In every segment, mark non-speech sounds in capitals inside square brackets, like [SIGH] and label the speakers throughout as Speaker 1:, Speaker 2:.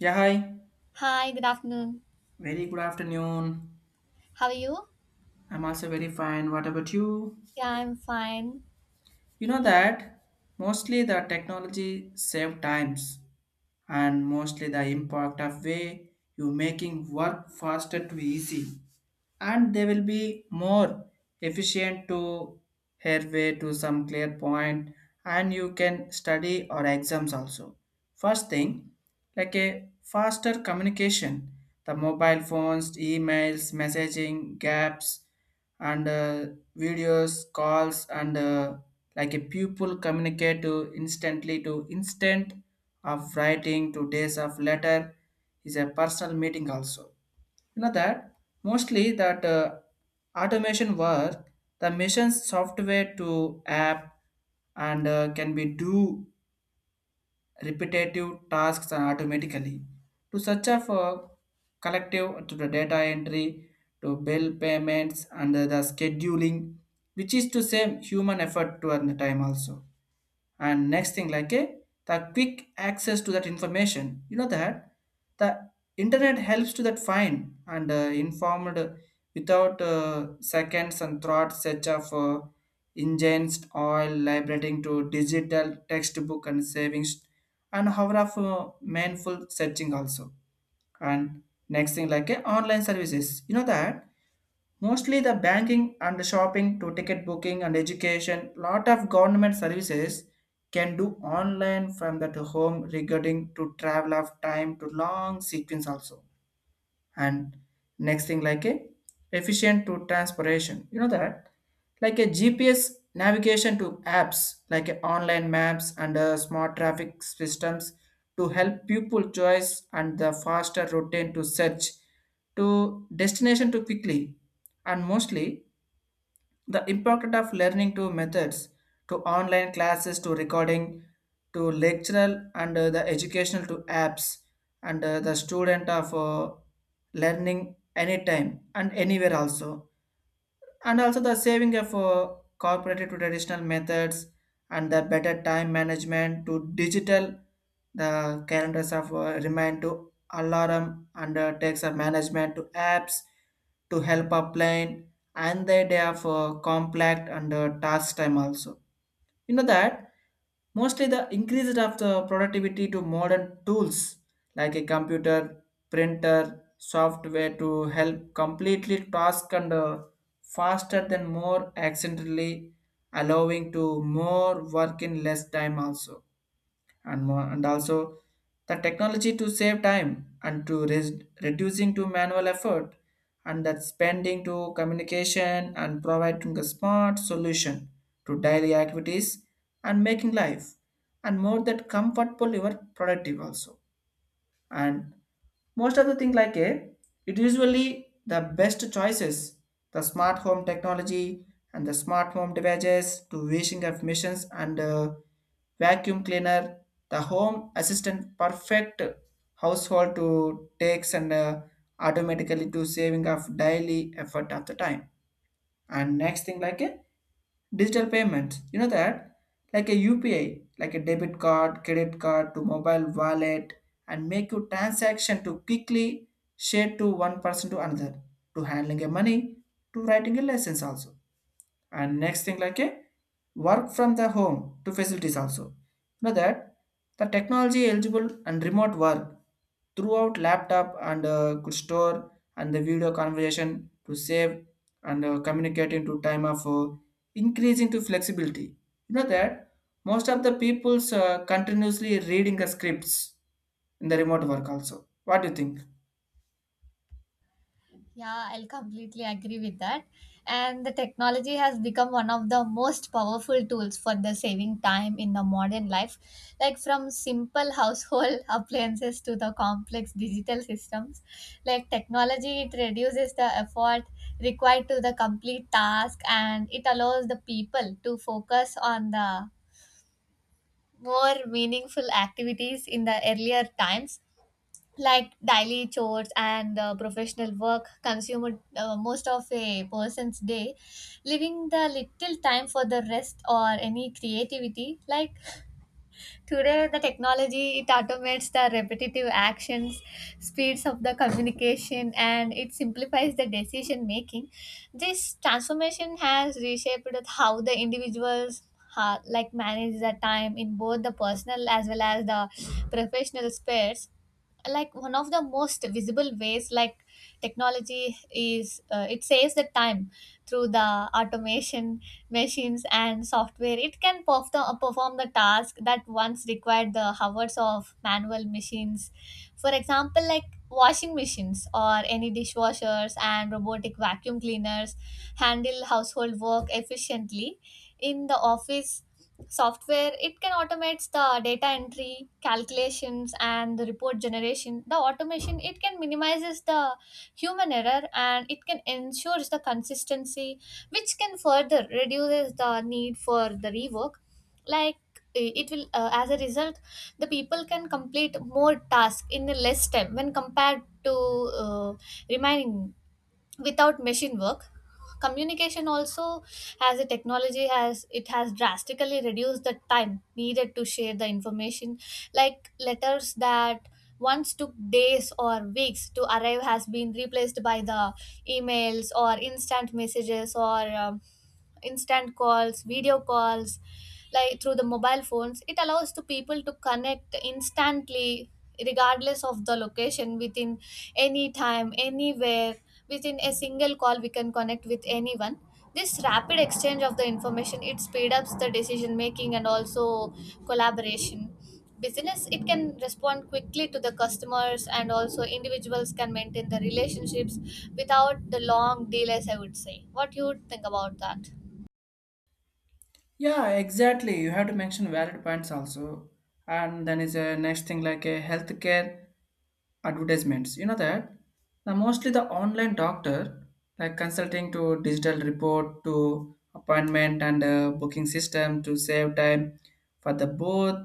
Speaker 1: Yeah, hi.
Speaker 2: Hi, good afternoon.
Speaker 1: Very good afternoon.
Speaker 2: How are you?
Speaker 1: I'm also very fine. What about you?
Speaker 2: Yeah, I'm fine.
Speaker 1: You know that mostly the technology save times, and mostly the impact of way you making work faster to easy, and they will be more efficient to headway to some clear point, and you can study or exams also. First thing, like a faster communication, the mobile phones, emails, messaging gaps, and videos calls, and like a pupil communicate to instantly to instant of writing to days of letter is a personal meeting also. You know that mostly that automation work, the missions software to app, and can be do repetitive tasks and automatically, to such a for collective to the data entry, to bill payments and the scheduling, which is to save human effort to earn the time also. And next thing, like a the quick access to that information. You know that the internet helps to that find and informed without seconds and thoughts search of engines oil liberating to digital textbook and savings, and hour of mindful searching also. And next thing, like online services. You know that mostly the banking and shopping to ticket booking and education, lot of government services can do online from that home regarding to travel of time to long sequence also. And next thing, like a efficient to transportation. You know that like a gps navigation to apps like a online maps and smart traffic systems to help people choice and the faster routine to search to destination to quickly. And mostly the importance of learning to methods, to online classes, to recording, to lecturer, and the educational to apps, and the student of learning anytime and anywhere also, and also the saving of cooperative to traditional methods, and the better time management to digital, the calendars of remind to alarm, and takes of management to apps to help a plan, and the idea of compact and task time also. You know that mostly the increase of the productivity to modern tools like a computer, printer, software to help completely task, and faster than more accidentally, allowing to more work in less time also. And more, and also the technology to save time, and to reducing to manual effort, and that spending to communication and providing a smart solution to daily activities, and making life and more that comfortable your productive also. And most of the thing, like a it usually the best choices, the smart home technology, and the smart home devices to washing of machines, and vacuum cleaner, the home assistant perfect household to takes, and automatically to saving of daily effort of the time. And next thing, like a digital payments. You know that like a upi like a debit card, credit card to mobile wallet, and make your transaction to quickly share to one person to another, to handling a money, to writing a lessons also. And next thing, like a work from the home to facilities also. You know that the technology eligible and remote work throughout laptop, and could store, and the video conversation to save, and communicate into time of increasing to flexibility. You know that most of the people's continuously reading the scripts in the remote work also. What do you think?
Speaker 2: Yeah, I'll completely agree with that. And the technology has become one of the most powerful tools for the saving time in the modern life. Like from simple household [LAUGHS] appliances to the complex digital systems. Like technology, it reduces the effort required to the complete task, and it allows the people to focus on the more meaningful activities. In the earlier times, like daily chores and professional work consume most of a person's day, leaving the little time for the rest or any creativity. Like today, the technology it automates the repetitive actions, speeds up the communication, and it simplifies the decision making. This transformation has reshaped how the individuals like manage the time in both the personal as well as the professional spheres. Like one of the most visible ways, like technology is, it saves the time through the automation. Machines and software it can perform the task that once required the hours of manual machines. For example, like washing machines or any dishwashers and robotic vacuum cleaners handle household work efficiently. In the office, software it can automates the data entry, calculations, and the report generation. The automation it can minimizes the human error and it can ensures the consistency, which can further reduces the need for the rework. Like it will, as a result, the people can complete more tasks in the less time when compared to uh, remaining without machine work. Communication also, as a technology has it has drastically reduced the time needed to share the information. Like letters that once took days or weeks to arrive has been replaced by the emails or instant messages or um, instant calls, video calls. Like through the mobile phones, it allows to people to connect instantly regardless of the location, within any time anywhere. Within a single call we can connect with anyone. This rapid exchange of the information it speed ups the decision making and also collaboration. Business it can respond quickly to the customers, and also individuals can maintain the relationships without the long delays, I would say. What you would think about that?
Speaker 1: Yeah, exactly. You have to mention valid points also. And then is a next thing, like a healthcare advertisements. You know that? Now mostly the online doctor, like consulting to digital report to appointment, and booking system to save time for the both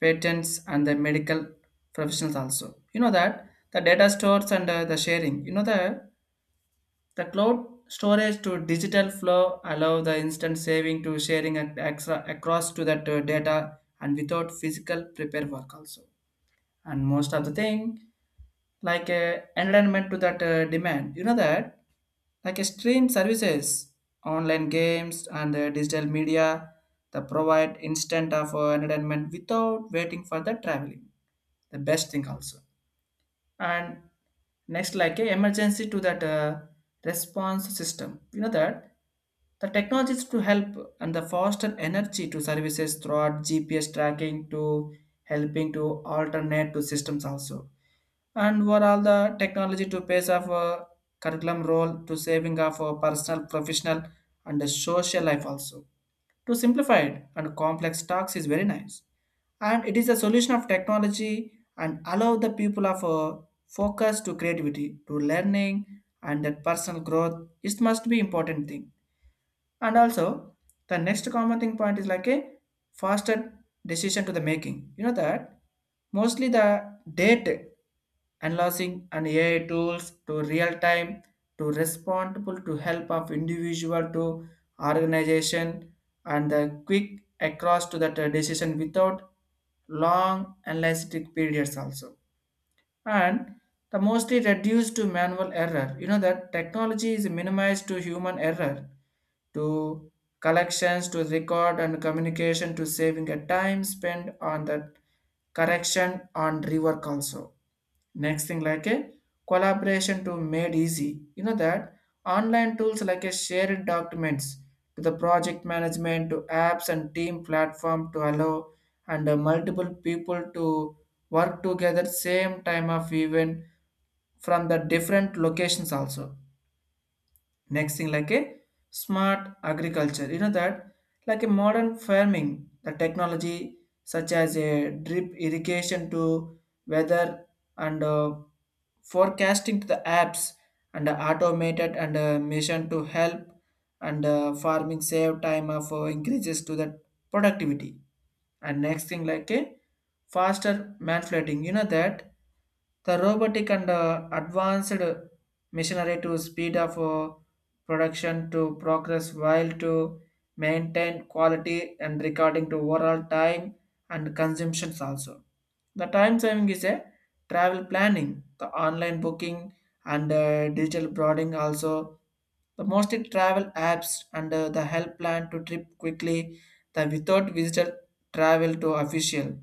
Speaker 1: patents and the medical professionals also. You know that? The data stores, and the sharing. You know that? The cloud storage to digital flow allow the instant saving to sharing and extra across to that data and without physical prepare work also. And most of the thing like a environment to that demand. You know that like a stream services, online games, and digital media that provide instant of entertainment without waiting for the traveling. The best thing also. And next like a emergency to that response system. You know that the technologies to help and the faster energy to services throughout gps tracking to helping to alternate to systems also. And what all the technology to pace of curriculum role to saving of personal, professional, and the social life also. To simplify it and complex tasks is very nice, and it is a solution of technology and allow the people of focus to creativity, to learning, and that personal growth. It must be important thing. And also, the next common thing point is like a faster decision to the making. You know that mostly the data analyzing and AI tools to real time to responsible to help of individual to organization, and the quick across to that decision without long analytic periods also. And the mostly reduced to manual error. You know that technology is minimized to human error, to collections, to record and communication, to saving a time spent on the correction and rework also. Next thing, like a collaboration to made easy. You know that online tools like a shared documents to the project management to apps and team platform to allow, and multiple people to work together same time of even from the different locations also. Next thing, like a smart agriculture. You know that like a modern farming, the technology such as a drip irrigation to weather, and forecasting to the apps, and automated, and mission to help, and farming save time of increases to the productivity. And next thing, like a faster manipulating. You know that the robotic, and advanced machinery to speed up production to progress while to maintain quality and recording to overall time and consumptions also. The time saving is a travel planning, the online booking, and digital broading also. The mostly travel apps, and the help plan to trip quickly, the without visitor travel to official,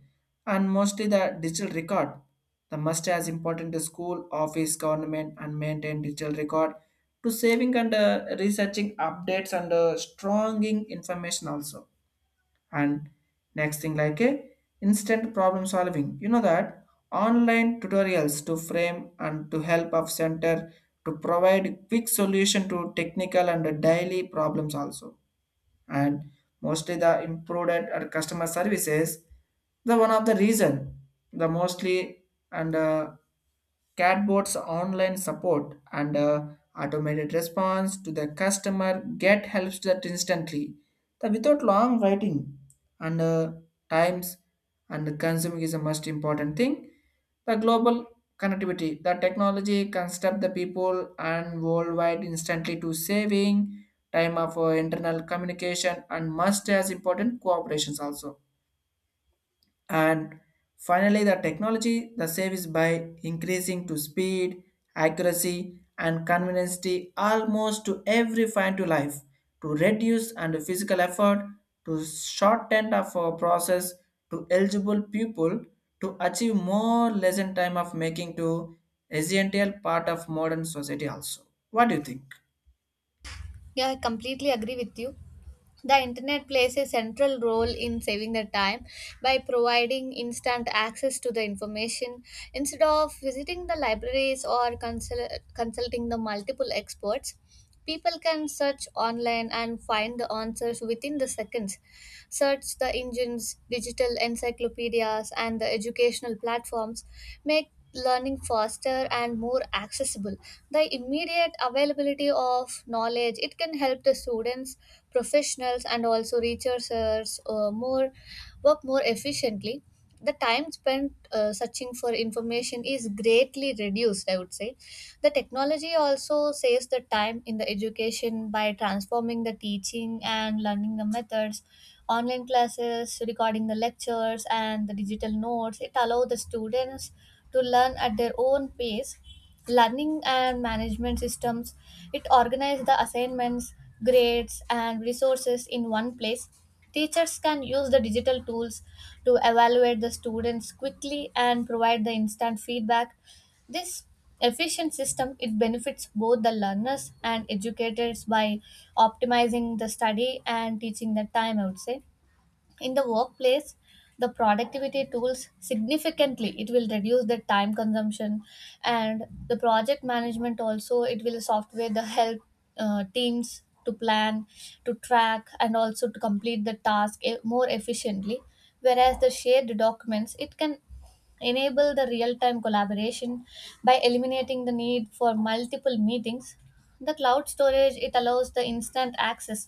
Speaker 1: and mostly the digital record. The must as important to school, office, government, and maintain digital record to saving, and researching updates, and stronging information also. And next thing, like a instant problem solving. You know that online tutorials to frame and to help of center to provide quick solution to technical and daily problems also. And mostly the improved at customer services, the one of the reason, the mostly, and catbot's online support, and automated response to the customer get helps that instantly, the without long waiting, and times and consuming is the most important thing. The global connectivity, the technology can the people and worldwide instantly to saving time of internal communication and must as important cooperations also. And finally the technology the service by increasing to speed, accuracy, and convenience to almost to every fine to life, to reduce and physical effort, to shorten of our process, to eligible people to achieve more lesson time of making to essential part of modern society also. What do you think?
Speaker 2: Yeah, I completely agree with you. The internet plays a central role in saving the time by providing instant access to the information, instead of visiting the libraries or consulting the multiple experts. People can search online and find the answers within the seconds. Search the engines, digital encyclopedias, and the educational platforms make learning faster and more accessible. The immediate availability of knowledge it can help the students, professionals, and also researchers more work more efficiently. The time spent searching for information is greatly reduced, I would say. The technology also saves the time in the education by transforming the teaching and learning the methods. Online classes, recording the lectures, and the digital notes, it allows the students to learn at their own pace. Learning and management systems, it organizes the assignments, grades, and resources in one place. Teachers can use the digital tools to evaluate the students quickly and provide the instant feedback. This efficient system it benefits both the learners and educators by optimizing the study and teaching the time, I would say. In the workplace, the productivity tools significantly it will reduce the time consumption, and the project management also it will software the help teams to plan, to track, and also to complete the task more efficiently. Whereas the shared documents it can enable the real-time collaboration by eliminating the need for multiple meetings. The cloud storage it allows the instant access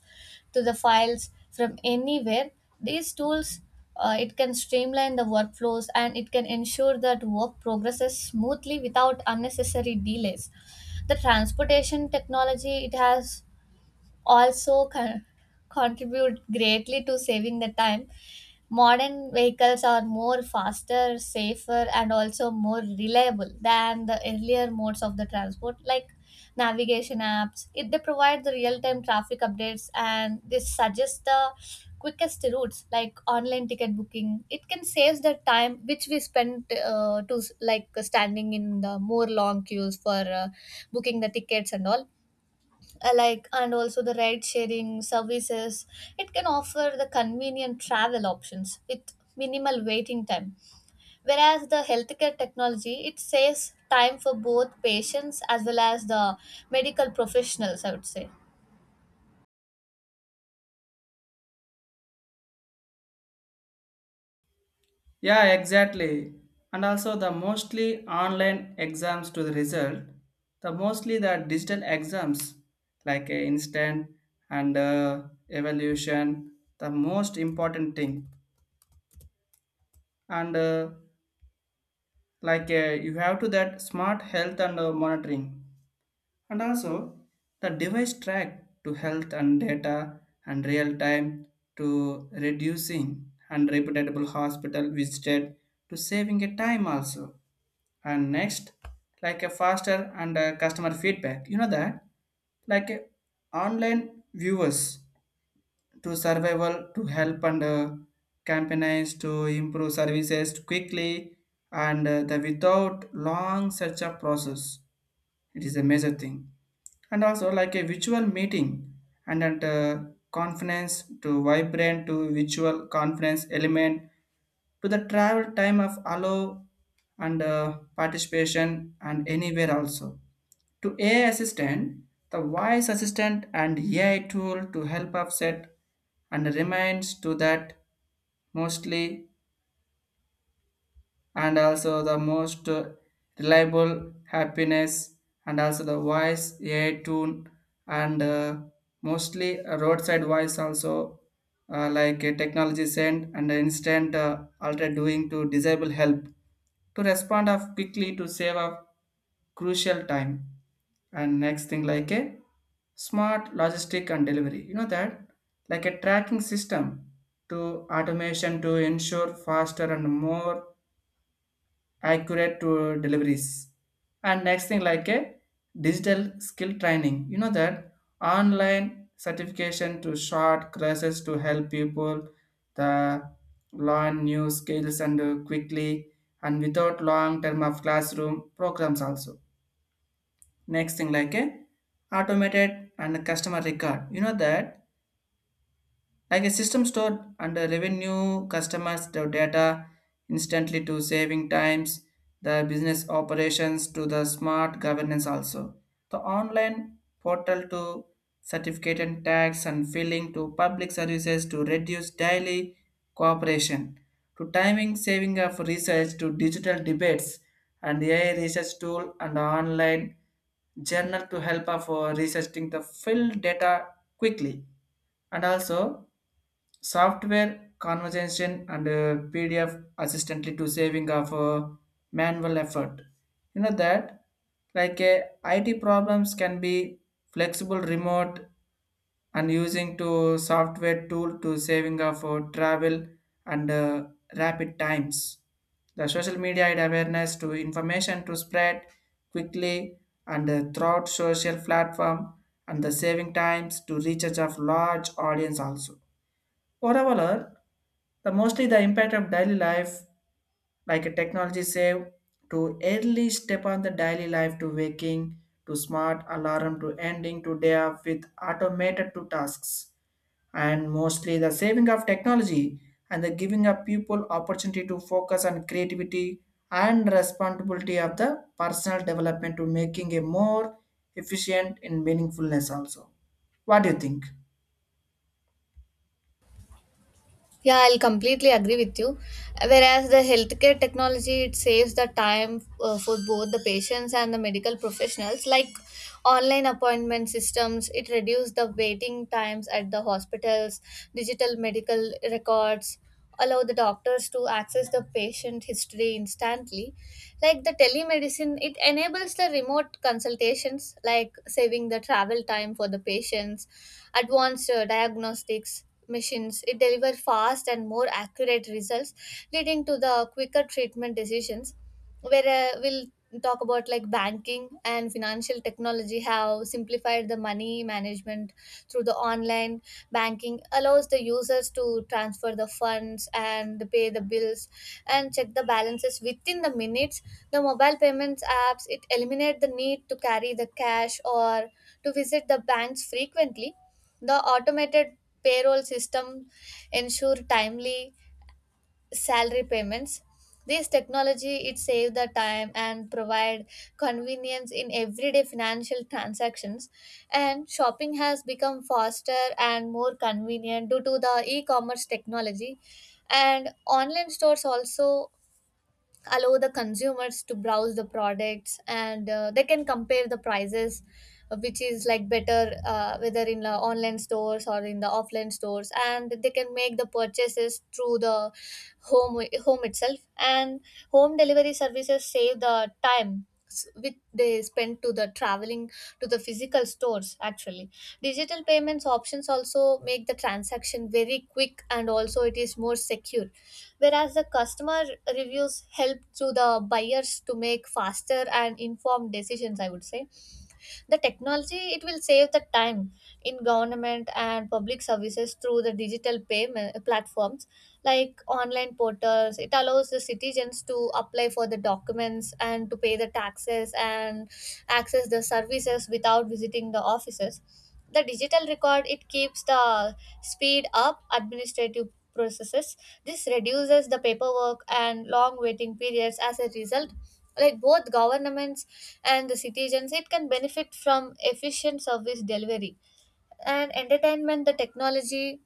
Speaker 2: to the files from anywhere. These tools, it can streamline the workflows and it can ensure that work progresses smoothly without unnecessary delays. The transportation technology it has also contribute greatly to saving the time. Modern vehicles are more faster, safer, and also more reliable than the earlier modes of the transport. Like navigation apps, it, they provide the real time traffic updates and they suggest the quickest routes. Like online ticket booking, it can save the time which we spend to, like standing in the more long queues for booking the tickets and all. Like, and also the ride sharing services it can offer the convenient travel options with minimal waiting time. Whereas the healthcare technology it saves time for both patients as well as the medical professionals, I would say.
Speaker 1: Yeah, exactly. And also the mostly online exams to the result, the mostly the digital exams like instant, and evaluation, the most important thing. And like you have to that smart health, and monitoring, and also the device track to health and data and real time to reducing and reputable hospital visited to saving a time also. And next like a faster, and customer feedback. You know that like online viewers to survival to help, and campaigns to improve services quickly, and the without long search up process, it is a major thing. And also like a virtual meeting, and at conference to vibrant to virtual conference element to the travel time of allow, and participation and anywhere also, to AI assistant, the voice assistant and AI tool to help offset and reminds to that mostly, and also the most reliable happiness, and also the voice a tune, and mostly a roadside voice also, like a technology send and instant alter doing to disable help to respond of quickly to save up crucial time. And next thing, like a smart logistic and delivery. You know that like a tracking system to automation to ensure faster and more accurate to deliveries. And next thing, like a digital skill training. You know that online certification to short courses to help people the learn new skills, and quickly and without long term of classroom programs also. Next thing, like a automated and customer record. You know that like a system stored under revenue, customers the data instantly to saving times, the business operations to the smart governance also. The online portal to certificate and tax and filling to public services to reduce daily cooperation to timing saving of research to digital debates and the AI research tool and online journal to help of researching the fill data quickly and also software conversation and PDF assistantly to saving of manual effort, you know that like a it problems can be flexible remote and using to software tool to saving of travel and rapid times. The social media had awareness to information to spread quickly and throughout social platform and the saving times to reach of large audience also. Overall, the mostly the impact of daily life like a technology save to early step on the daily life to waking to smart alarm to ending to day up with automated to tasks and mostly the saving of technology and the giving of people opportunity to focus on creativity and responsibility of the personal development to making a more efficient and meaningfulness also. What do you think?
Speaker 2: Yeah, I'll completely agree with you. Whereas the healthcare technology, it saves the time for both the patients and the medical professionals. Like online appointment systems, it reduces the waiting times at the hospitals. Digital medical records allow the doctors to access the patient history instantly. Like the telemedicine, it enables the remote consultations, like saving the travel time for the patients. Advanced diagnostics machines, it delivers fast and more accurate results, leading to the quicker treatment decisions. Where, we'll talk about like banking and financial technology have simplified the money management through the online banking allows the users to transfer the funds and pay the bills and check the balances within the minutes. The mobile payments apps it eliminate the need to carry the cash or to visit the banks frequently. The automated payroll system ensure timely salary payments. This technology it save the time and provide convenience in everyday financial transactions. And shopping has become faster and more convenient due to the e-commerce technology, and online stores also allow the consumers to browse the products, and they can compare the prices, which is like better, whether in the online stores or in the offline stores, and they can make the purchases through the home itself, and home delivery services save the time which they spend to the traveling to the physical stores actually. Digital payments options also make the transaction very quick and also it is more secure. Whereas the customer reviews help to the buyers to make faster and informed decisions, I would say. The technology it will save the time in government and public services through the digital payment platforms. Like online portals, it allows the citizens to apply for the documents and to pay the taxes and access the services without visiting the offices. The digital record it keeps the speed up administrative processes. This reduces the paperwork and long waiting periods. As a result, like both governments and the citizens, it can benefit from efficient service delivery. And entertainment, the technology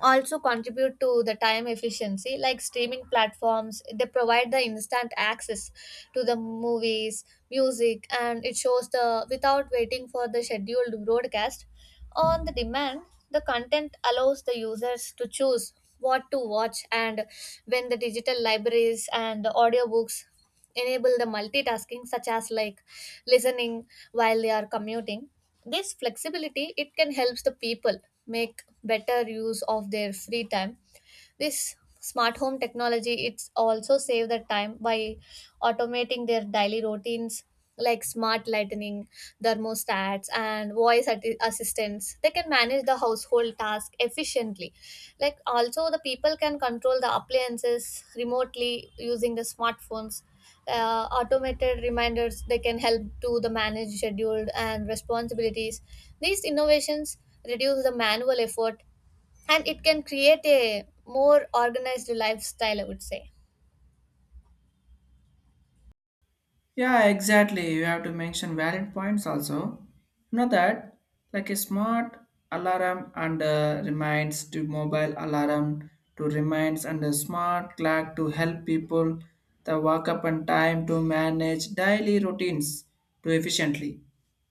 Speaker 2: also contribute to the time efficiency. Like streaming platforms, they provide the instant access to the movies, music, and it shows the without waiting for the scheduled broadcast. On the demand, the content allows the users to choose what to watch and when. The digital libraries and the audiobooks enable the multitasking, such as like listening while they are commuting. This flexibility it can help the people make better use of their free time. This smart home technology it's also save the time by automating their daily routines. Like smart lighting, thermostats, and voice assistants, they can manage the household task efficiently. Like also the people can control the appliances remotely using the smartphones. Automated reminders they can help to the manage scheduled and responsibilities. These innovations reduce the manual effort and it can create a more organized lifestyle, I would say.
Speaker 1: Yeah, exactly. You have to mention valid points also. You know that, like a smart alarm and reminds to mobile alarm to reminds and a smart clock to help people the wake up and time to manage daily routines to efficiently.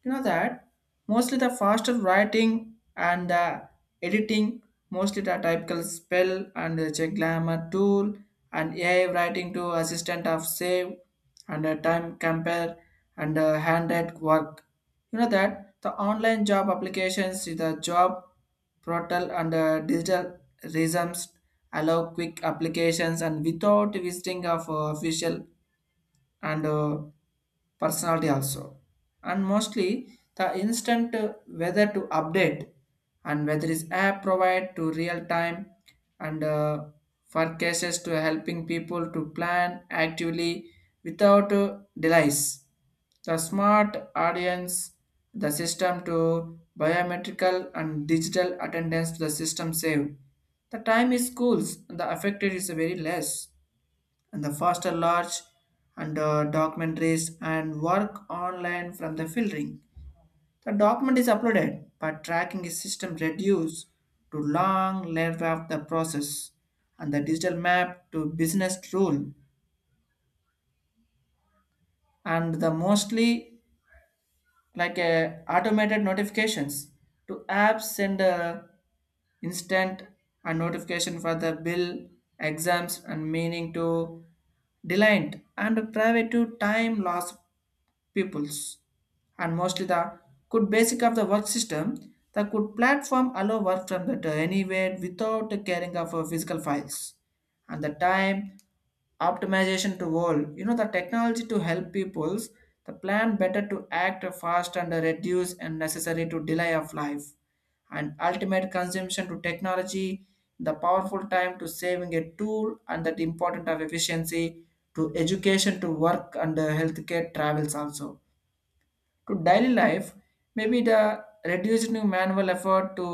Speaker 1: You know that mostly the faster writing and the editing mostly the typical spell and the check grammar tool and AI writing to assistant of save and a time compare and a handed work. You know that the online job applications is the job portal and digital reasons allow quick applications and without visiting of official and personality also. And mostly the instant whether to update and weather is app provide to real time and forecasts to helping people to plan actively without delays. The smart audience, the system to biometrical and digital attendance to the system save the time is schools, the affected is very less and the faster large and documentaries and work online from the filtering. The document is uploaded, but tracking is system reduced to long layer of the process and the digital map to business rule and the mostly like automated notifications to apps send instant a notification for the bill exams and meaning to delight and private to time loss peoples. And mostly the could basic of the work system, the could platform allow work from the anywhere without caring of physical files and the time optimization to all, you know, the technology to help peoples the plan better to act fast and reduce unnecessary to delay of life and ultimate consumption to technology, the powerful time to saving a tool and that important of efficiency to education to work and healthcare travels also, to daily life, maybe the reducing manual effort to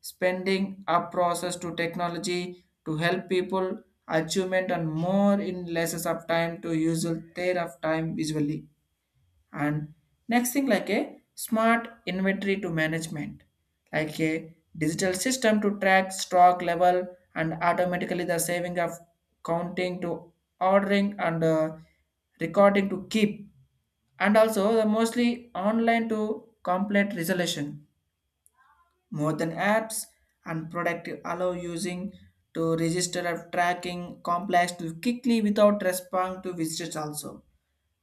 Speaker 1: spending up process to technology to help people achievement and more in less of time to usual their of time visually. And next thing like a smart inventory to management like a digital system to track stock level and automatically the saving of counting to ordering and recording to keep, and also the mostly online to complete resolution more than apps and product allow using to register of tracking complex to quickly without responding to visitors also.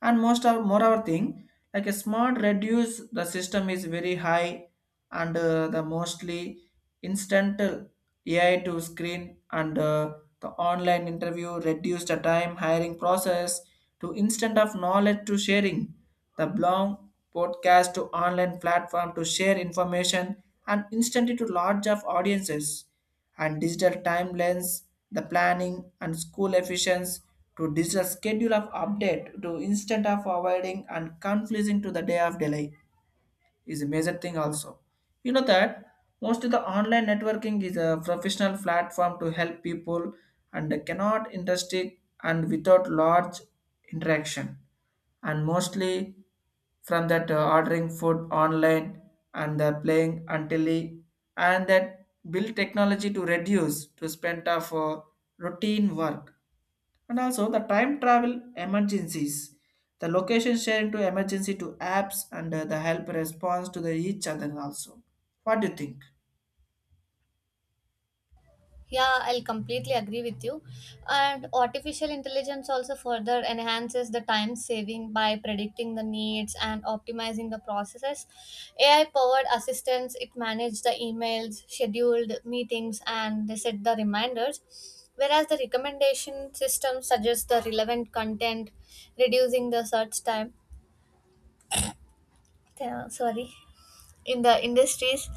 Speaker 1: And most of moreover thing, like a smart reduce the system is very high and the mostly instantal AI to screen and the online interview reduce the time hiring process to instant of knowledge to sharing, the blog, podcast to online platform to share information and instantly to large of audiences and digital timelines, the planning and school efficiency to digital schedule of update to instant of avoiding and confusing to the day of delay is a major thing also. You know that most of the online networking is a professional platform to help people and cannot industry and without large interaction. And mostly from that ordering food online and playing until he- and that build technology to reduce to spend of routine work, and also the time travel emergencies, the location sharing to emergency to apps and the help response to the each other also. What do you think?
Speaker 2: Yeah, I'll completely agree with you. And artificial intelligence also further enhances the time saving by predicting the needs and optimizing the processes. AI powered assistants it manage the emails, scheduled meetings, and they set the reminders. Whereas the recommendation system suggests the relevant content, reducing the search time. Yeah, sorry. In the industries,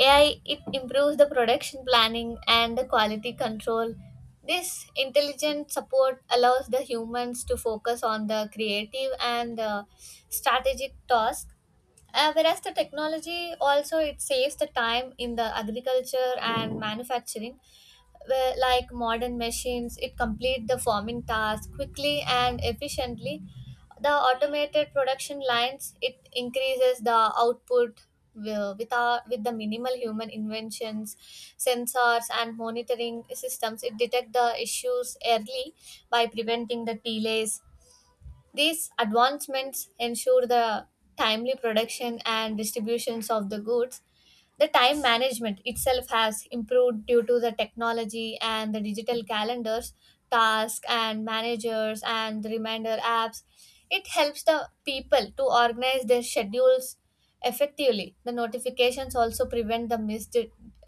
Speaker 2: AI it improves the production planning and the quality control. This intelligent support allows the humans to focus on the creative and strategic task. Whereas the technology also it saves the time in the agriculture and manufacturing, where like modern machines it complete the farming task quickly and efficiently. The automated production lines it increases the output with the minimal human inventions. Sensors and monitoring systems it detect the issues early by preventing the delays. These advancements ensure the timely production and distributions of the goods. The time management itself has improved due to the technology and the digital calendars, tasks and managers, and the reminder apps. It helps the people to organize their schedules effectively. The notifications also prevent the missed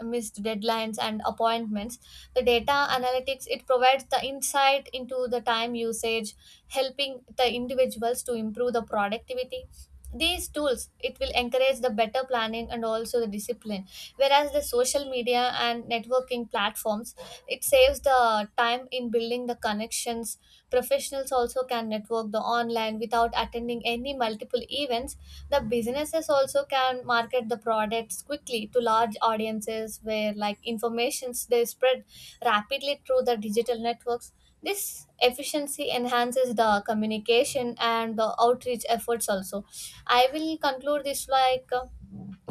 Speaker 2: missed deadlines and appointments. The data analytics it provides the insight into the time usage, helping the individuals to improve the productivity. These tools it will encourage the better planning and also the discipline. Whereas the social media and networking platforms it saves the time in building the connections. Professionals also can network the online without attending any multiple events. The businesses also can market the products quickly to large audiences, where like informations they spread rapidly through the digital networks. This efficiency enhances the communication and the outreach efforts also. I will conclude this like,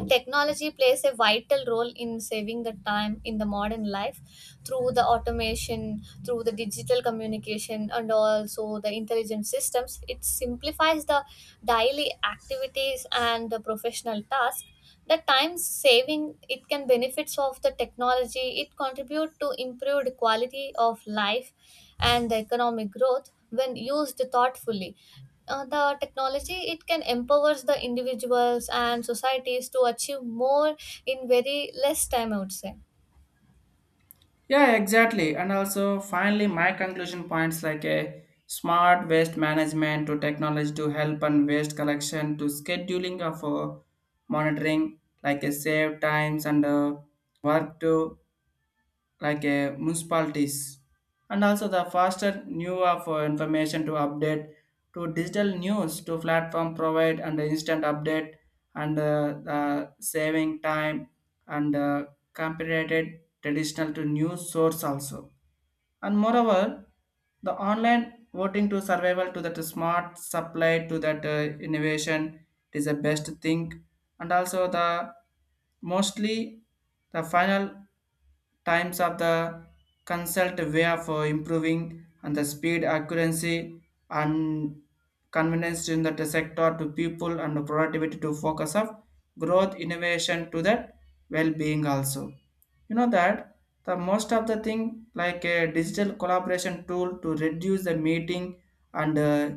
Speaker 2: technology plays a vital role in saving the time in the modern life through the automation, through the digital communication, and also the intelligent systems. It simplifies the daily activities and the professional tasks. The time saving it can benefits of the technology. It contribute to improved quality of life and the economic growth when used thoughtfully. The technology it can empowers the individuals and societies to achieve more in very less time, I would say.
Speaker 1: Yeah, exactly. And also finally my conclusion points like a smart waste management to technology to help and waste collection to scheduling of monitoring like a save times and work to like a municipalities, and also the faster new of information to update to digital news to platform provide and instant update and saving time and compared traditional to news source also. And moreover, the online voting to survival to that smart supply to that innovation, it is the best thing. And also the mostly the final times of the consult way of improving and the speed accuracy and convenience in that sector to people and the productivity to focus of growth innovation to that well-being also. You know that the most of the thing like a digital collaboration tool to reduce the meeting and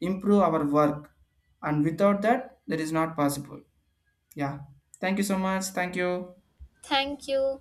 Speaker 1: improve our work. And without that, that is not possible. Yeah. Thank you so much. Thank you.
Speaker 2: Thank you.